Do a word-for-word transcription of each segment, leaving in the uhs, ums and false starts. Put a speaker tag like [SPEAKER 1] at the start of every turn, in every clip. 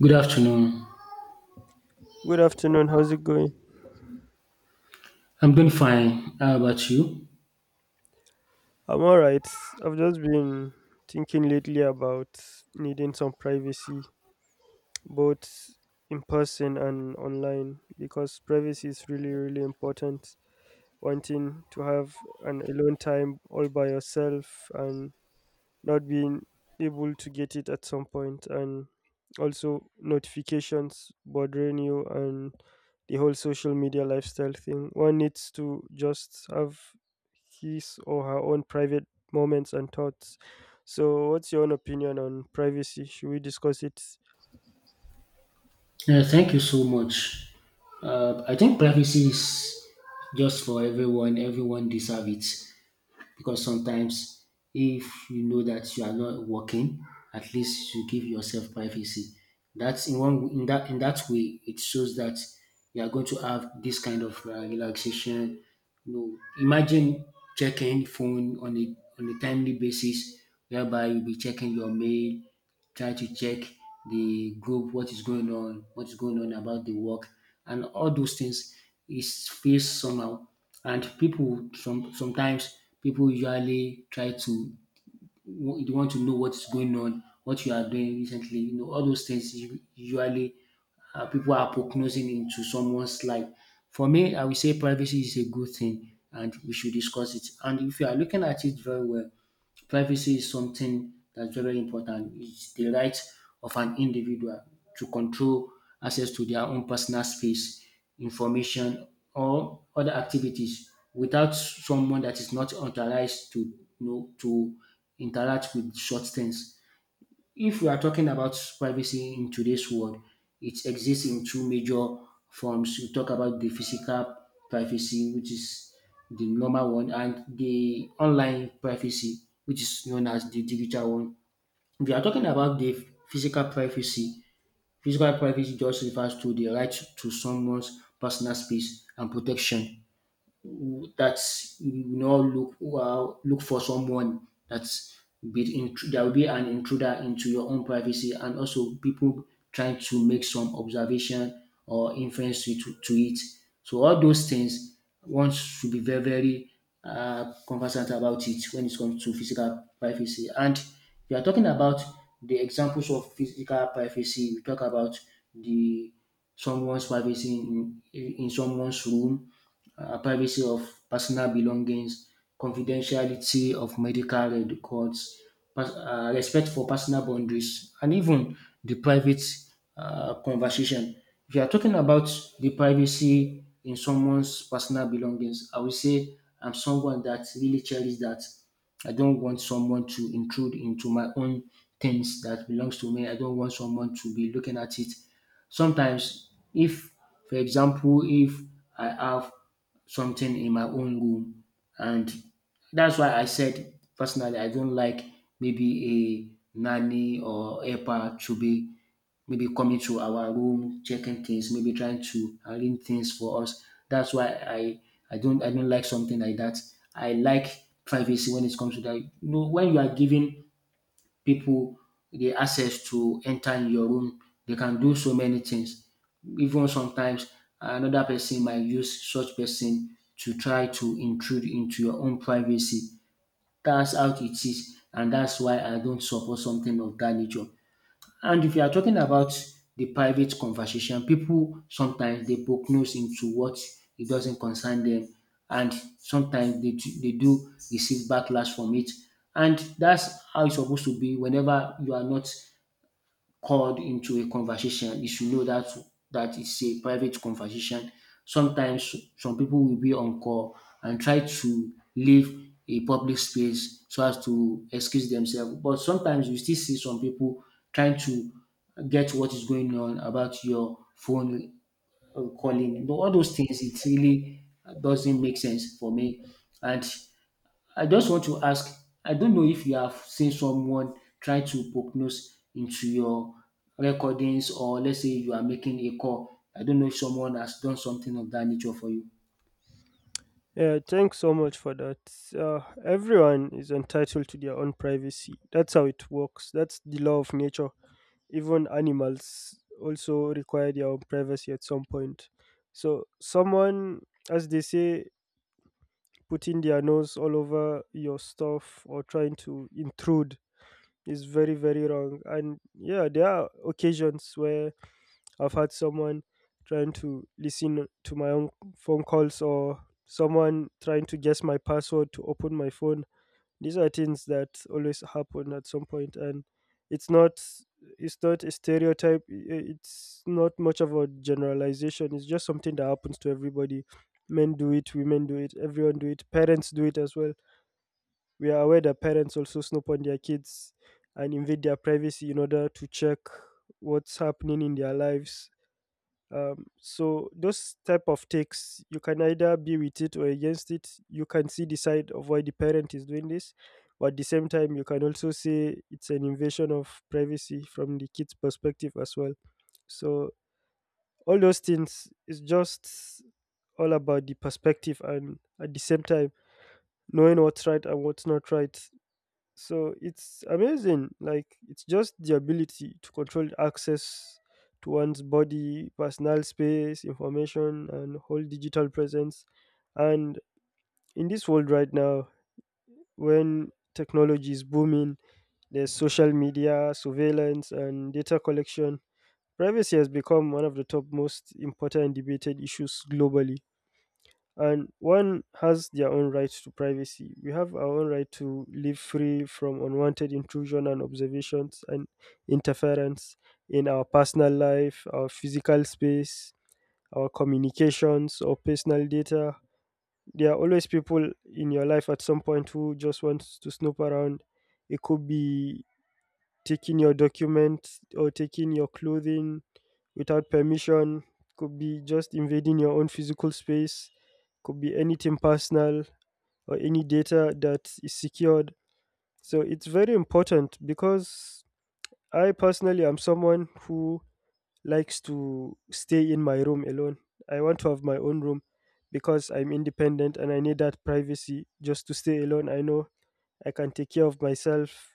[SPEAKER 1] Good afternoon.
[SPEAKER 2] Good afternoon. How's it going?
[SPEAKER 1] I'm doing fine. How about you?
[SPEAKER 2] I'm all right. I've just been thinking lately about needing some privacy, both in person and online, because privacy is really, really important. Wanting to have an alone time all by yourself and not being able to get it at some point and also notifications bothering you and the whole social media lifestyle thing, one needs to just have his or her own private moments and thoughts. So what's your own opinion on privacy? Should we discuss it?
[SPEAKER 1] Uh, thank you so much. Uh, I think privacy is just for everyone. Everyone deserves it because sometimes, if you know that you are not working, at least you give yourself privacy. That's in one in that in that way it shows that you are going to have this kind of uh, relaxation. You know, imagine checking phone on a on a timely basis, whereby you'll be checking your mail, try to check the group, what is going on, what is going on about the work, and all those things is feels somehow. And people, some sometimes people usually try to wa- they want to know what's going on, what you are doing recently. You know, all those things you usually uh, people are prognosing into someone's life. For me, I would say privacy is a good thing, and we should discuss it. And if you are looking at it very well, privacy is something that's very important. It's the right of an individual to control access to their own personal space, information, or other activities without someone that is not authorized to, you know, to interact with such things. If we are talking about privacy in today's world, it exists in two major forms. We talk about the physical privacy, which is the normal one, and the online privacy, which is known as the digital one. If you are talking about the physical privacy, physical privacy just refers to the right to someone's personal space and protection that you know look uh, look for someone that's be in, there will be an intruder into your own privacy and also people trying to make some observation or inference to, to, to it. So all those things one should be very very uh, conversant about it when it comes to physical privacy. And we are talking about the examples of physical privacy. We talk about the someone's privacy in, in, in someone's room, uh, privacy of personal belongings, confidentiality of medical records, pers- uh, respect for personal boundaries, and even the private uh, conversation. If you are talking about the privacy in someone's personal belongings, I would say I'm someone that really cherishes that. I don't want someone to intrude into my own things that belongs to me. I don't want someone to be looking at it. Sometimes, if for example, if I have something in my own room, and that's why I said personally, I don't like maybe a nanny or helper to be maybe coming to our room, checking things, maybe trying to arrange things for us. That's why I I don't I don't like something like that. I like privacy when it comes to that. You know, when you are giving pipu the access to enter in your room. They can do so many things. Even sometimes another person might use such person to try to intrude into your own privacy. That's how it is, and that's why I don't support something of dat nature. And if you are talking about the private conversation, people sometimes they poke nose into what it doesn't concern them, and sometimes they, do- they do receive backlash from it. And that's how it's supposed to be, whenever you are not called into a conversation, you should know that that it's a private conversation. Sometimes some people will be on call and try to leave a public space so as to excuse themselves. But sometimes you still see some people trying to get what is going on about your phone uh, calling. You know, all those things, it really doesn't make sense for me. And I just want to ask, I don't know if you have seen someone try to poke nose into your recordings, or let's say you are making a call. I don't know if someone has done something of that nature for you.
[SPEAKER 2] Yeah, thanks so much for that. Uh, everyone is entitled to their own privacy. That's how it works. That's the law of nature. Even animals also require their own privacy at some point. So, someone, as they say, putting their nose all over your stuff or trying to intrude is very, very wrong. And yeah, there are occasions where I've had someone trying to listen to my own phone calls or someone trying to guess my password to open my phone. These are things that always happen at some point, and it's not it's not a stereotype. i- It's not much of a generalization. It's just something that happens to everybody. Men do it, women do it, everyone do it. Parents do it as well. We are aware that parents also snoop on their kids and invade their privacy in order to check what's happening in their lives. Um, so those type of takes, you can either be with it or against it. You can see the side of why the parent is doing this, but at the same time you can also say it's an invasion of privacy from the kid's perspective as well. So all those things is just all about the perspective, and at the same time knowing what's right and what's not right. So it's amazing. Like, it's just the ability to control access to one's body, personal space, information, and whole digital presence. And in this world right now, when technology is booming, there's social media, surveillance, and data collection. Privacy has become one of the top most important debated issues globally. And one has their own right to privacy. We have our own right to live free from unwanted intrusion and observations and interference in our personal life, our physical space, our communications, or personal data. There are always people in your life at some point who just want to snoop around. It could be taking your documents or taking your clothing without permission, could be just invading your own physical space, could be anything personal or any data that is secured. So it's very important because I personally am someone who likes to stay in my room alone. I want to have my own room because I'm independent and I need that privacy just to stay alone. I know I can take care of myself.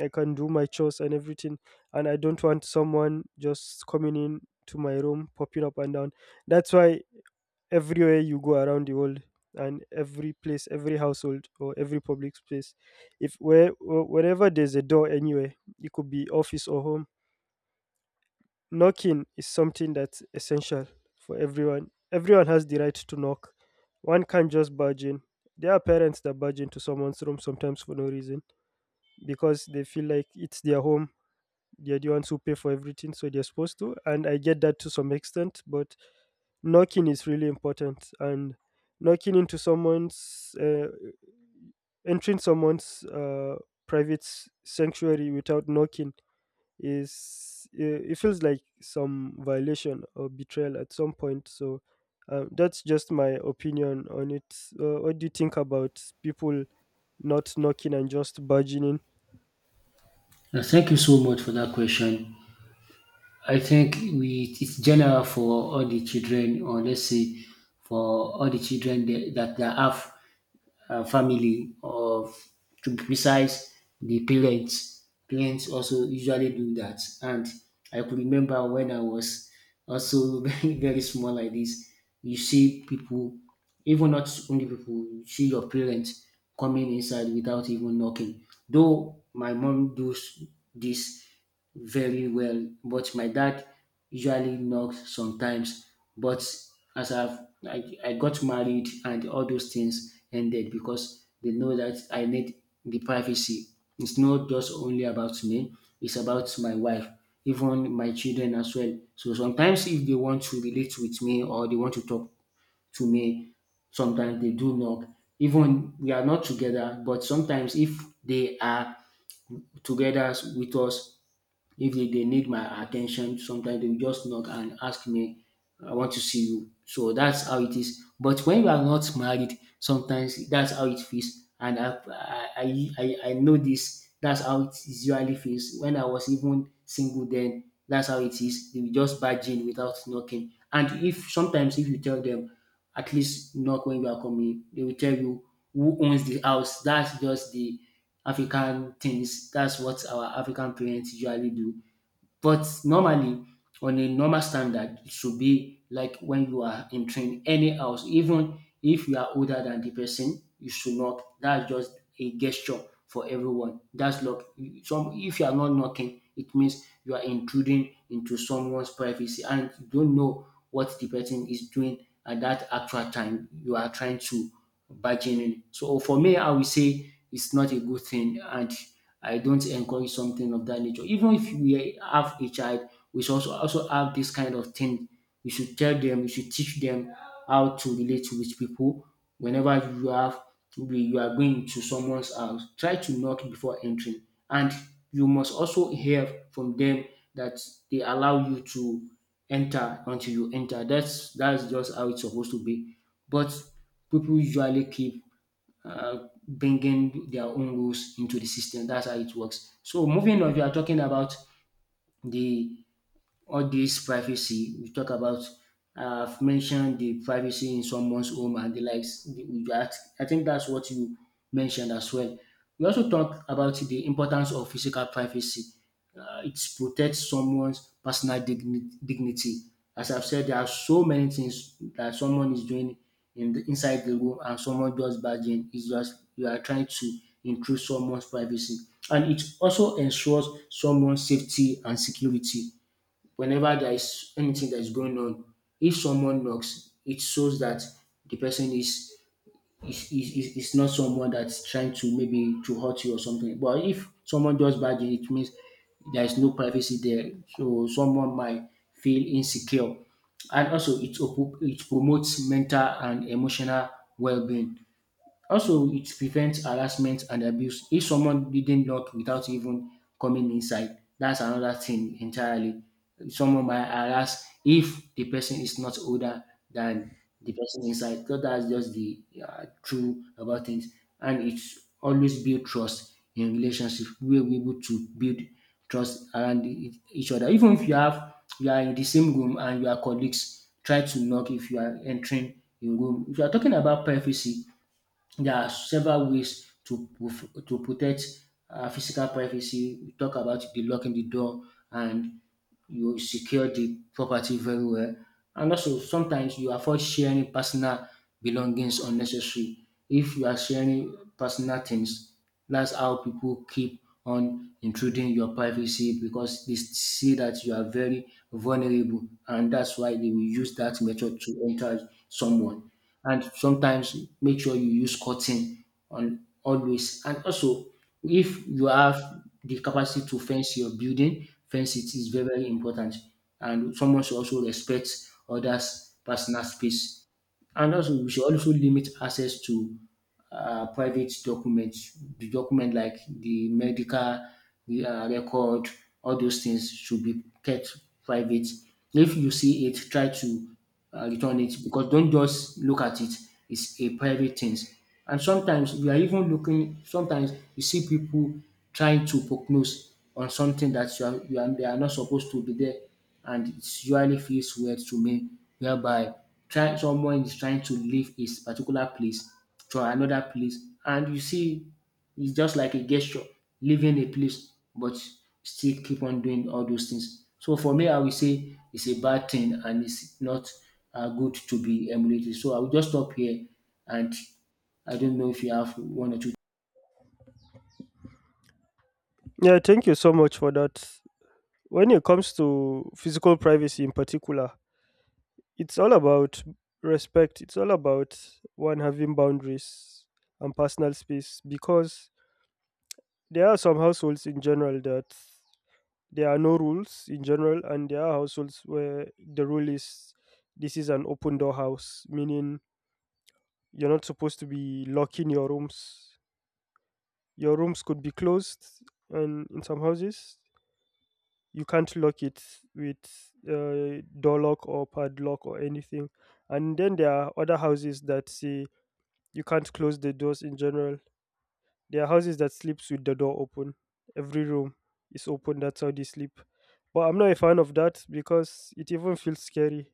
[SPEAKER 2] I can do my chores and everything. And I don't want someone just coming in to my room, popping up and down. That's why everywhere you go around the world and every place, every household or every public space, if where wh- whenever there's a door anywhere, it could be office or home. Knocking is something that's essential for everyone. Everyone has the right to knock. One can't just barge in. There are parents that barge into someone's room sometimes for no reason because they feel like it's their home. They're the ones who pay for everything, so they're supposed to. And I get that to some extent, but knocking is really important. And knocking into someone's, uh, entering someone's uh, private s- sanctuary without knocking is, uh, it feels like some violation or betrayal at some point. So um, that's just my opinion on it. Uh, what do you think about people not knocking and just barging in?
[SPEAKER 1] Uh, Thank you so much for that question. I think we it's general for all the children, or let's say for all the children that, that they have uh, family or to be precise the parents parents also usually do that, and I could remember when I was also very very small like this. You see people, even not only people, you see your parents coming inside without even knocking. Though my mom does this very well, but my dad usually knocks sometimes. But as I've I, I got married and all those things ended because they know that I need the privacy. It's not just only about me, it's about my wife, even my children as well. So sometimes if they want to relate with me or they want to talk to me, sometimes they do knock. Even we are not together, but sometimes if they are together with us, if they, they need my attention, sometimes they will just knock and ask me, I want to see you. So that's how it is. But when you are not married, sometimes that's how it feels. And I, I, I, I know this. That's how it usually feels. When I was even single then, that's how it is. They will just barge in without knocking. And if sometimes if you tell them, at least knock when you are coming, they will tell you who owns the house. That's just the African things. That's what our African parents usually do. But normally, on a normal standard, it should be like when you are entering any house, even if you are older than the person, you should knock. That's just a gesture for everyone. That's luck. Some if you are not knocking, it means you are intruding into someone's privacy and you don't know what the person is doing at that actual time you are trying to bargain in. So for me, I will say it's not a good thing, and I don't encourage something of that nature. Even if we have a child, we should also also have this kind of thing. We should tell them, we should teach them how to relate with people. Whenever you have you are going to someone's house, try to knock before entering. And you must also hear from them that they allow you to enter until you enter. That's that's just how it's supposed to be. But people usually keep uh, bringing their own rules into the system. That's how it works. So moving on, we are talking about the all this privacy we talk about, uh, I've mentioned the privacy in someone's home and the likes the- we- that I think that's what you mentioned as well. We also talk about the importance of physical privacy. Uh, it protects someone's personal digni- dignity. As I've said, there are so many things that someone is doing in the, inside the room, and someone just barging is just you are trying to intrude someone's privacy. And it also ensures someone's safety and security whenever there is anything that is going on. If someone knocks, it shows that the person is is, is, is is not someone that's trying to maybe to hurt you or something. But if someone does bad, it means there is no privacy there. So someone might feel insecure. And also it, op- it promotes mental and emotional well-being. Also, it prevents harassment and abuse. If someone didn't knock without even coming inside, that's another thing entirely. Someone might harass if the person is not older than the person inside. So that's just the uh, true about things. And it's always build trust in relationship. We're able to build trust around e- each other. Even if you have you are in the same room and you are colleagues, try to knock if you are entering a room. If you are talking about privacy, there are several ways to prof- to protect uh, physical privacy. We talk about the locking the door and you secure the property very well. And also sometimes you avoid sharing personal belongings unnecessary. If you are sharing personal things, that's how people keep on intruding your privacy because they see that you are very vulnerable, and that's why they will use that method to enter someone. And sometimes make sure you use cotton on always. And also, if you have the capacity to fence your building, fence it is very, very important. And someone should also respect others' personal space, and also, we should also limit access to uh, private documents, the document like the medical the, uh, record, all those things should be kept private. If you see it, try to uh, return it because don't just look at it. It's a private thing. And sometimes we are even looking. Sometimes you see people trying to prognose on something that you are, you are, they are not supposed to be there, and it usually feels weird to me, whereby try, someone is trying to leave his particular place to another place, and you see it's just like a gesture, leaving a place, but still keep on doing all those things. So for me, I will say it's a bad thing and it's not uh, good to be emulated. So I will just stop here, and I don't know if you have one or two.
[SPEAKER 2] Yeah, thank you so much for that. When it comes to physical privacy in particular, it's all about respect. It's all about one having boundaries and personal space, because there are some households in general that there are no rules in general, and there are households where the rule is this is an open door house, meaning you're not supposed to be locking your rooms. Your rooms could be closed, and in some houses, you can't lock it with uh, door lock or padlock or anything. And then there are other houses that say you can't close the doors in general. There are houses that sleeps with the door open. Every room is open. That's how they sleep. But I'm not a fan of that because it even feels scary.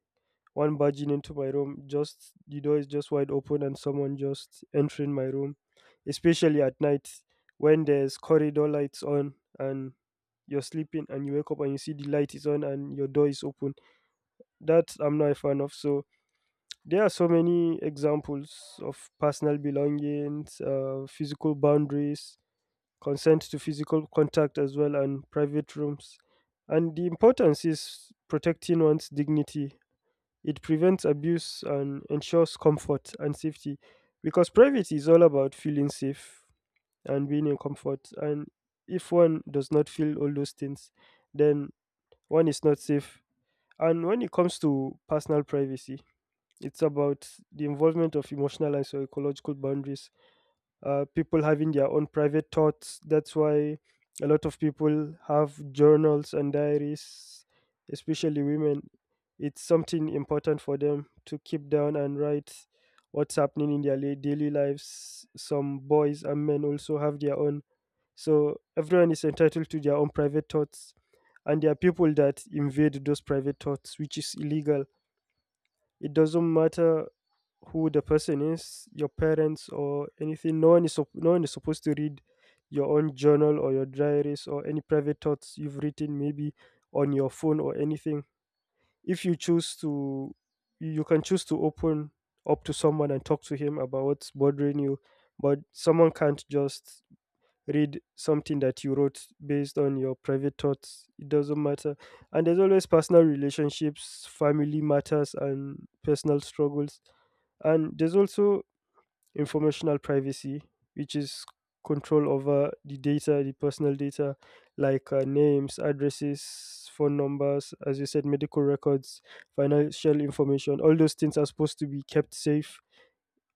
[SPEAKER 2] One barging into my room, just the door is just wide open and someone just entering my room, especially at night when there's corridor lights on and you're sleeping and you wake up and you see the light is on and your door is open. That I'm not a fan of. So there are so many examples of personal belongings, uh, physical boundaries, consent to physical contact as well, and private rooms. And the importance is protecting one's dignity. It prevents abuse and ensures comfort and safety, because privacy is all about feeling safe and being in comfort. And if one does not feel all those things, then one is not safe. And when it comes to personal privacy, it's about the involvement of emotional and psychological boundaries, uh, people having their own private thoughts. That's why a lot of people have journals and diaries, especially women. It's something important for them to keep down and write what's happening in their la- daily lives. Some boys and men also have their own. So everyone is entitled to their own private thoughts. And there are people that invade those private thoughts, which is illegal. It doesn't matter who the person is, your parents or anything. No one is sup- no one is supposed to read your own journal or your diaries or any private thoughts you've written maybe on your phone or anything. If you choose to, you can choose to open up to someone and talk to him about what's bothering you, but someone can't just read something that you wrote based on your private thoughts. It doesn't matter. And there's always personal relationships, family matters, and personal struggles. And there's also informational privacy, which is control over the data, the personal data, like uh, names, addresses, phone numbers, as you said, medical records, financial information. All those things are supposed to be kept safe,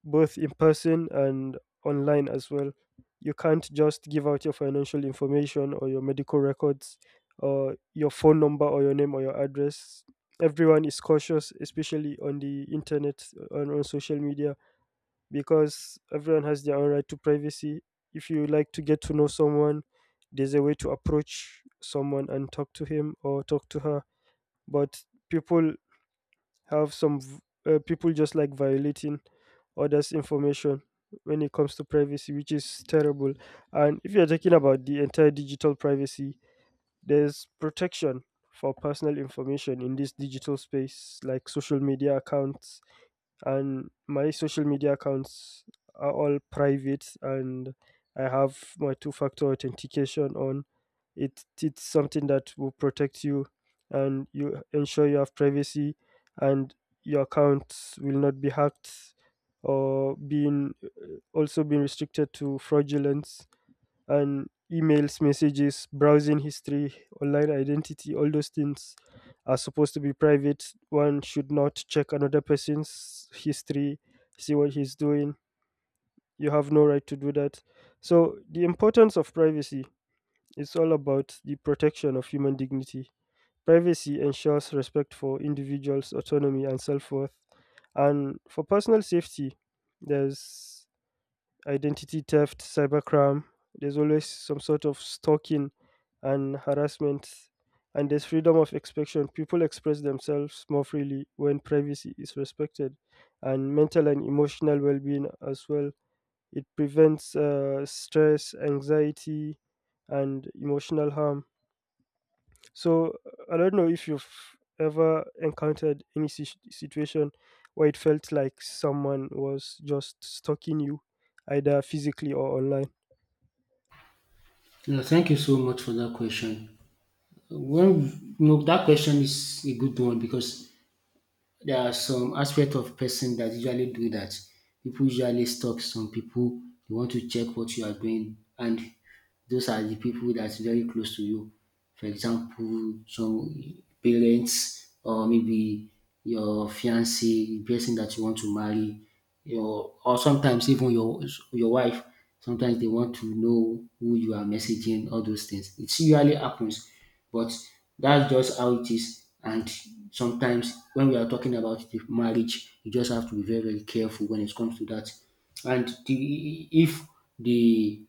[SPEAKER 2] both in person and online as well. You can't just give out your financial information or your medical records or your phone number or your name or your address. Everyone is cautious, especially on the internet and on social media, because everyone has their own right to privacy. If you like to get to know someone, there's a way to approach someone and talk to him or talk to her. But people have some v- uh, people just like violating others' information when it comes to privacy, which is terrible. And if you're talking about the entire digital privacy, there's protection for personal information in this digital space, like social media accounts. And my social media accounts are all private, and I have my two factor authentication on. It it's something that will protect you, and you ensure you have privacy, and your accounts will not be hacked or being also being restricted to fraudulence. And emails, messages, browsing history, online identity, all those things are supposed to be private. One should not check another person's history, see what he's doing. You have no right to do that. So, the importance of privacy is all about the protection of human dignity. Privacy ensures respect for individuals' autonomy and self worth. And for personal safety, there's identity theft, cybercrime. There's always some sort of stalking and harassment. And there's freedom of expression. People express themselves more freely when privacy is respected, and mental and emotional well being as well. It prevents uh, stress, anxiety, and emotional harm. So I don't know if you've ever encountered any si- situation where it felt like someone was just stalking you, either physically or online.
[SPEAKER 1] Yeah, thank you so much for that question. Well, no, that question is a good one because there are some aspect of person that usually do that. People usually stalk some people. They want to check what you are doing, and those are the people that's very close to you. For example, some parents, or maybe your fiance, the person that you want to marry, your or sometimes even your your wife. Sometimes they want to know who you are messaging, all those things. It usually happens, but that's just how it is. And sometimes when we are talking about the marriage, you just have to be very, very careful when it comes to that. And the, if the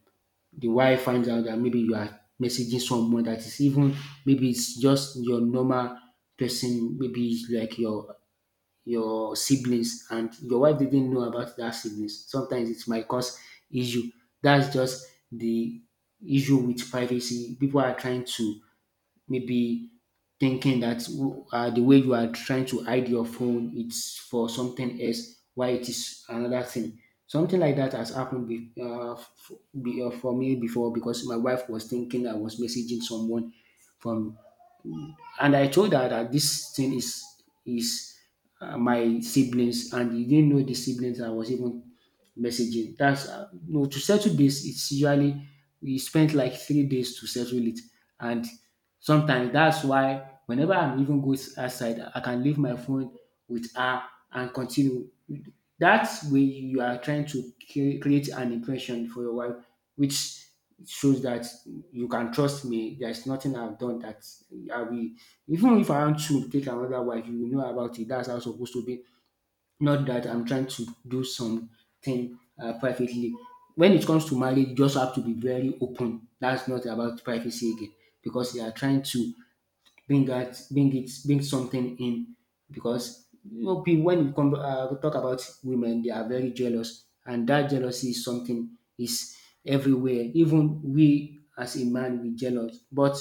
[SPEAKER 1] the wife finds out that maybe you are messaging someone that is even maybe it's just your normal person, maybe it's like your your siblings, and your wife didn't know about that siblings. Sometimes it might cause issue. That's just the issue with privacy. People are trying to maybe thinking that w- uh, the way you are trying to hide your phone, it's for something else, why it is another thing. Something like that has happened be, uh, f- be, uh, for me before because my wife was thinking I was messaging someone from, and I told her that this thing is is uh, my siblings, and he didn't know the siblings I was even messaging. That's uh, no to settle this. It's usually we spent like three days to settle it, and sometimes that's why whenever I'm even goes outside, I can leave my phone with her and continue. That's way you are trying to cre- create an impression for your wife, which shows that you can trust me. There's nothing I've done that I will, even if I want to take another wife, you will know about it. That's how it's supposed to be. Not that I'm trying to do something uh, privately. When it comes to marriage, you just have to be very open. That's not about privacy again because you are trying to bring that, bring it bring something in because you know pe- when we come uh, we talk about women, they are very jealous, and that jealousy is something, is everywhere. Even we as a man, we jealous, but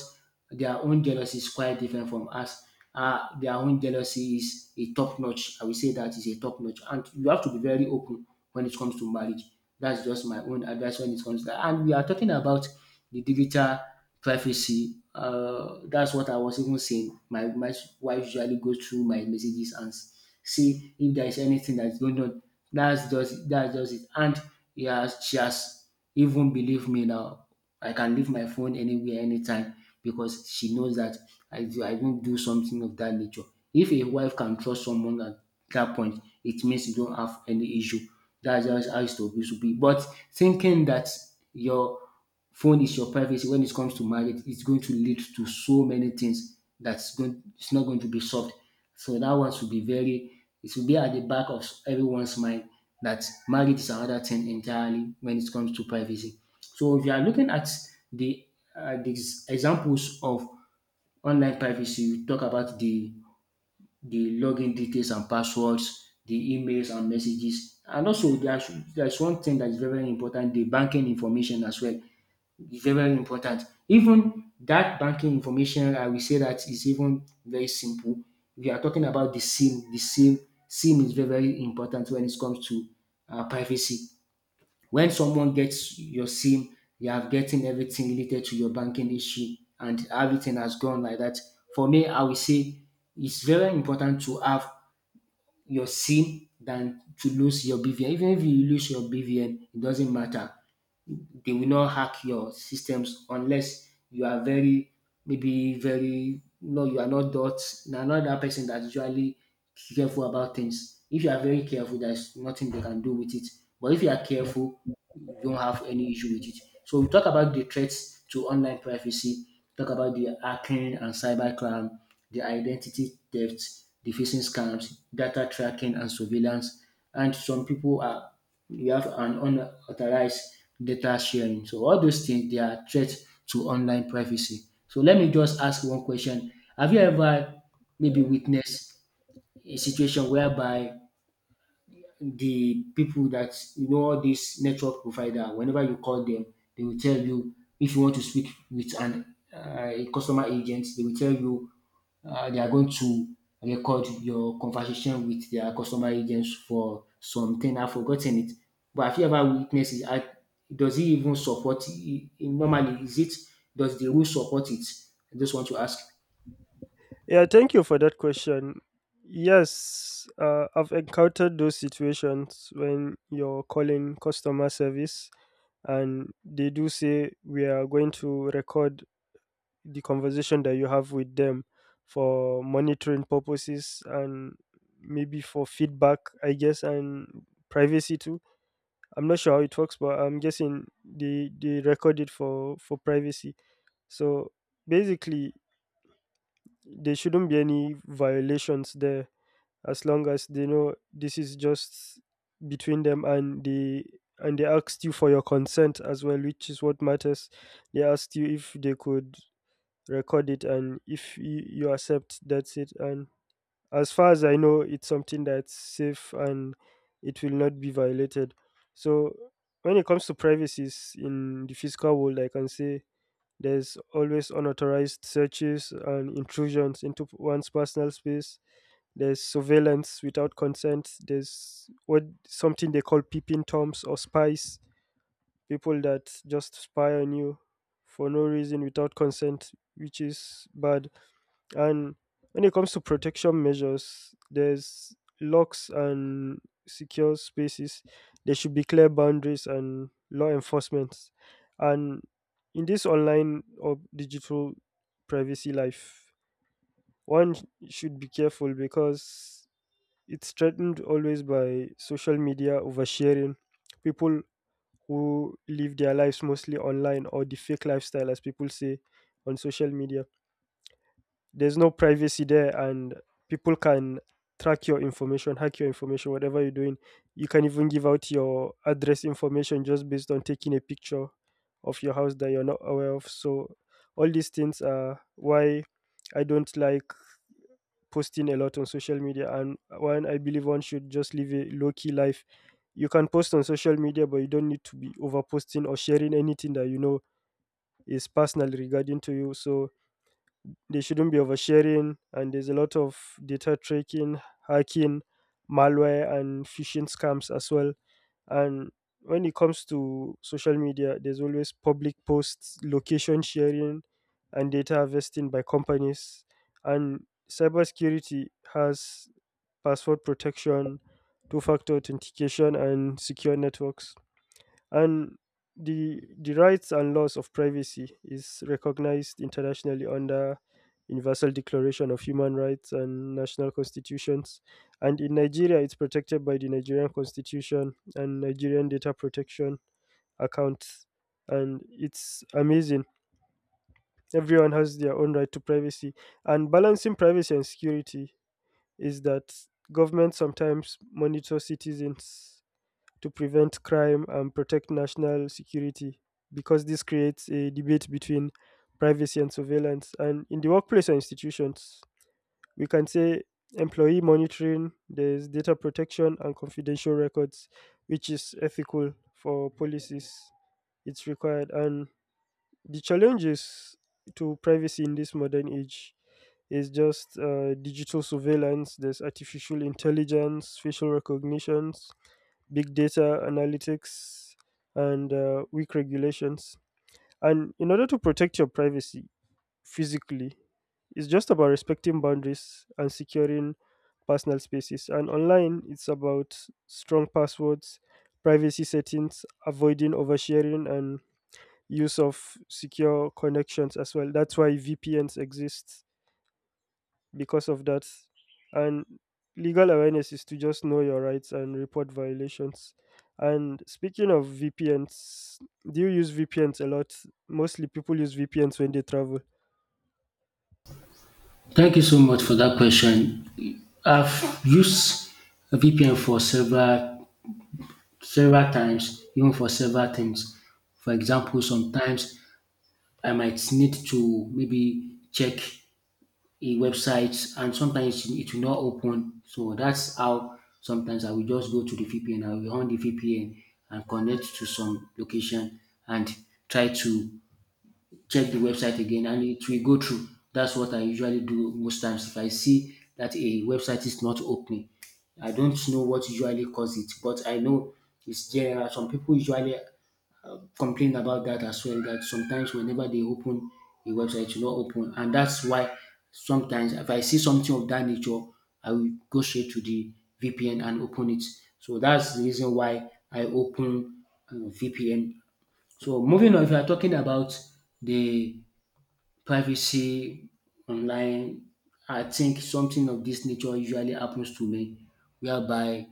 [SPEAKER 1] their own jealousy is quite different from us. Uh, their own jealousy is a top notch, I will say that is a top notch, and you have to be very open when it comes to marriage. That's just my own advice when it comes to that. And we are talking about the digital privacy. Uh, that's what I was even saying. My, my wife usually goes through my messages and s- see if there is anything that's going on. That's just that's just it. And yeah, she has even believed me now. I can leave my phone anywhere, anytime because she knows that I do, I won't do something of that nature. If a wife can trust someone at that point, it means you don't have any issue. That's just how it's supposed to be. But thinking that your phone is your privacy when it comes to marriage, it's going to lead to so many things that's going. It's not going to be solved. So that one should be very. It should be at the back of everyone's mind that marriage is another thing entirely when it comes to privacy. So if you are looking at the uh, these examples of online privacy, we talk about the the login details and passwords, the emails and messages, and also there's there's one thing that is very very important: the banking information as well is very, very important. Even that banking information, I will say that is even very simple. We are talking about the SIM. The SIM, SIM is very, very important when it comes to uh, privacy. When someone gets your SIM, you have getting everything related to your banking issue, and everything has gone like that. For me, I will say it's very important to have your SIM than to lose your B V N. Even if you lose your B V N, it doesn't matter, they will not hack your systems unless you are very, maybe very, no, you are not that, na not that person that usually careful about things. If you are very careful, there's nothing they can do with it. But if you are careful, you don't have any issue with it. So we talk about the threats to online privacy, talk about the hacking and cybercrime, the identity theft, the phishing scams, data tracking and surveillance, and some people are, you have an unauthorized data sharing. So all those things, they are threats to online privacy. So let me just ask one question. Have you ever maybe witnessed a situation whereby the people that you know, all these network provider, whenever you call them, they will tell you if you want to speak with an uh, a customer agent, they will tell you uh, they are going to record your conversation with their customer agents for something, I've forgotten it, but have you ever witnessed it? I, does it even support it normally? Is it, does the rule support it? I just want to ask.
[SPEAKER 2] Yeah, thank you for that question. Yes, uh, I've encountered those situations when you're calling customer service, and they do say we are going to record the conversation that you have with them for monitoring purposes and maybe for feedback, I guess, and privacy too. I'm not sure how it works, but I'm guessing they they record it for for privacy. So basically, there shouldn't be any violations there as long as they know this is just between them, and they and they asked you for your consent as well, which is what matters. They asked you if they could record it, and if you, you accept, that's it. And as far as I know, it's something that's safe, and it will not be violated. So when it comes to privacies in the physical world, I can say there's always unauthorized searches and intrusions into one's personal space. There's surveillance without consent. There's what something they call peeping toms or spies, people that just spy on you for no reason without consent, which is bad. And when it comes to protection measures, there's locks and secure spaces. There should be clear boundaries and law enforcement. And in this online or digital privacy life, one should be careful because it's threatened always by social media oversharing. People who live their lives mostly online or the fake lifestyle, as people say on social media. There's no privacy there, and people can track your information, hack your information, whatever you're doing. You can even give out your address information just based on taking a picture of your house that you're not aware of. So, all these things are why I don't like posting a lot on social media, and one, I believe one should just live a low key life. You can post on social media, but you don't need to be over posting or sharing anything that you know is personal regarding to you. So they shouldn't be oversharing, and there's a lot of data tracking, hacking, malware and phishing scams as well. And when it comes to social media, there's always public posts, location sharing, and data harvesting by companies. And cybersecurity has password protection, two factor authentication, and secure networks. And the the rights and laws of privacy is recognized internationally under Universal Declaration of Human Rights and national constitutions, and in Nigeria it's protected by the Nigerian Constitution and Nigerian Data Protection Accounts. And it's amazing, everyone has their own right to privacy. And balancing privacy and security is that government sometimes monitor citizens to prevent crime and protect national security, because this creates a debate between privacy and surveillance. And in the workplace or institutions, we can say employee monitoring, there's data protection and confidential records, which is ethical for policies. It's required. And the challenges to privacy in this modern age is just uh, digital surveillance, there's artificial intelligence, facial recognitions, big data analytics, and uh, weak regulations. And in order to protect your privacy physically, it's just about respecting boundaries and securing personal spaces. And online, it's about strong passwords, privacy settings, avoiding oversharing, and use of secure connections as well. That's why V P Ns exist, because of that. And legal awareness is to just know your rights and report violations. And speaking of V P Ns, do you use V P Ns a lot? Mostly people use V P Ns when they travel.
[SPEAKER 1] Thank you so much for that question. I've used V P N for several several times, even for several things. For example, sometimes I might need to maybe check a website and sometimes it will not open. So that's how sometimes I will just go to the V P N, I will on the V P N and connect to some location and try to check the website again, and it will go through. That's what I usually do most times. If I see that a website is not opening, I don't know what usually causes it, but I know it's general. Some people usually complain about that as well, that sometimes whenever they open a website it will not open, and that's why sometimes if I see something of that nature, I will go straight to the V P N and open it. So that's the reason why I open uh, V P N. So moving on, if you're talking about the privacy online, I think something of this nature usually happens to me whereby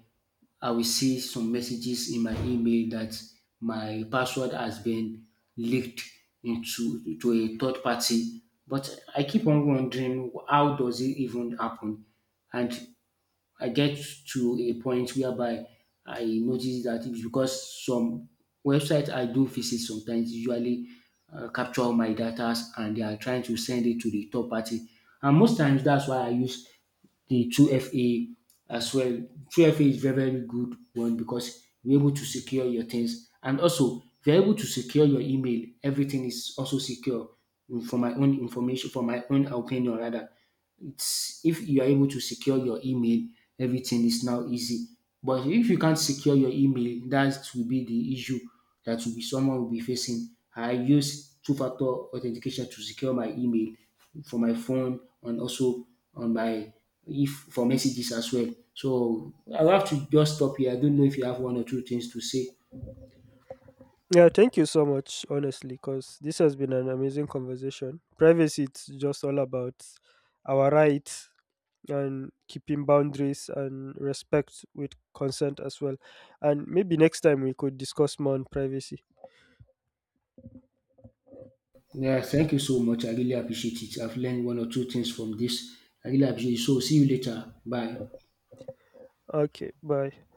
[SPEAKER 1] I will see some messages in my email that my password has been leaked into to a third party. But I keep on wondering, how does it even happen? And I get to a point whereby I notice that it's because some websites I do visit sometimes usually uh, capture my data and they are trying to send it to the third party. And most times that's why I use the two F A as well. two F A is very, very good one because you're able to secure your things. And also, if you're able to secure your email, everything is also secure. Mm, For my own information, for my own opinion, rather, it's if you are able to secure your email, everything is now easy. But if you can't secure your email, that will be the issue that will be, someone will be facing. I use two-factor authentication to secure my email for my phone, and also on my, if for messages as well. So I will have to just stop here. I don't know if you have one or two things to say.
[SPEAKER 2] Yeah, thank you so much, honestly, because this has been an amazing conversation. Privacy, it's just all about our rights and keeping boundaries and respect with consent as well. And maybe next time we could discuss more on privacy.
[SPEAKER 1] Yeah, thank you so much. I really appreciate it. I've learned one or two things from this. I really appreciate it. So see you later. Bye.
[SPEAKER 2] Okay, bye.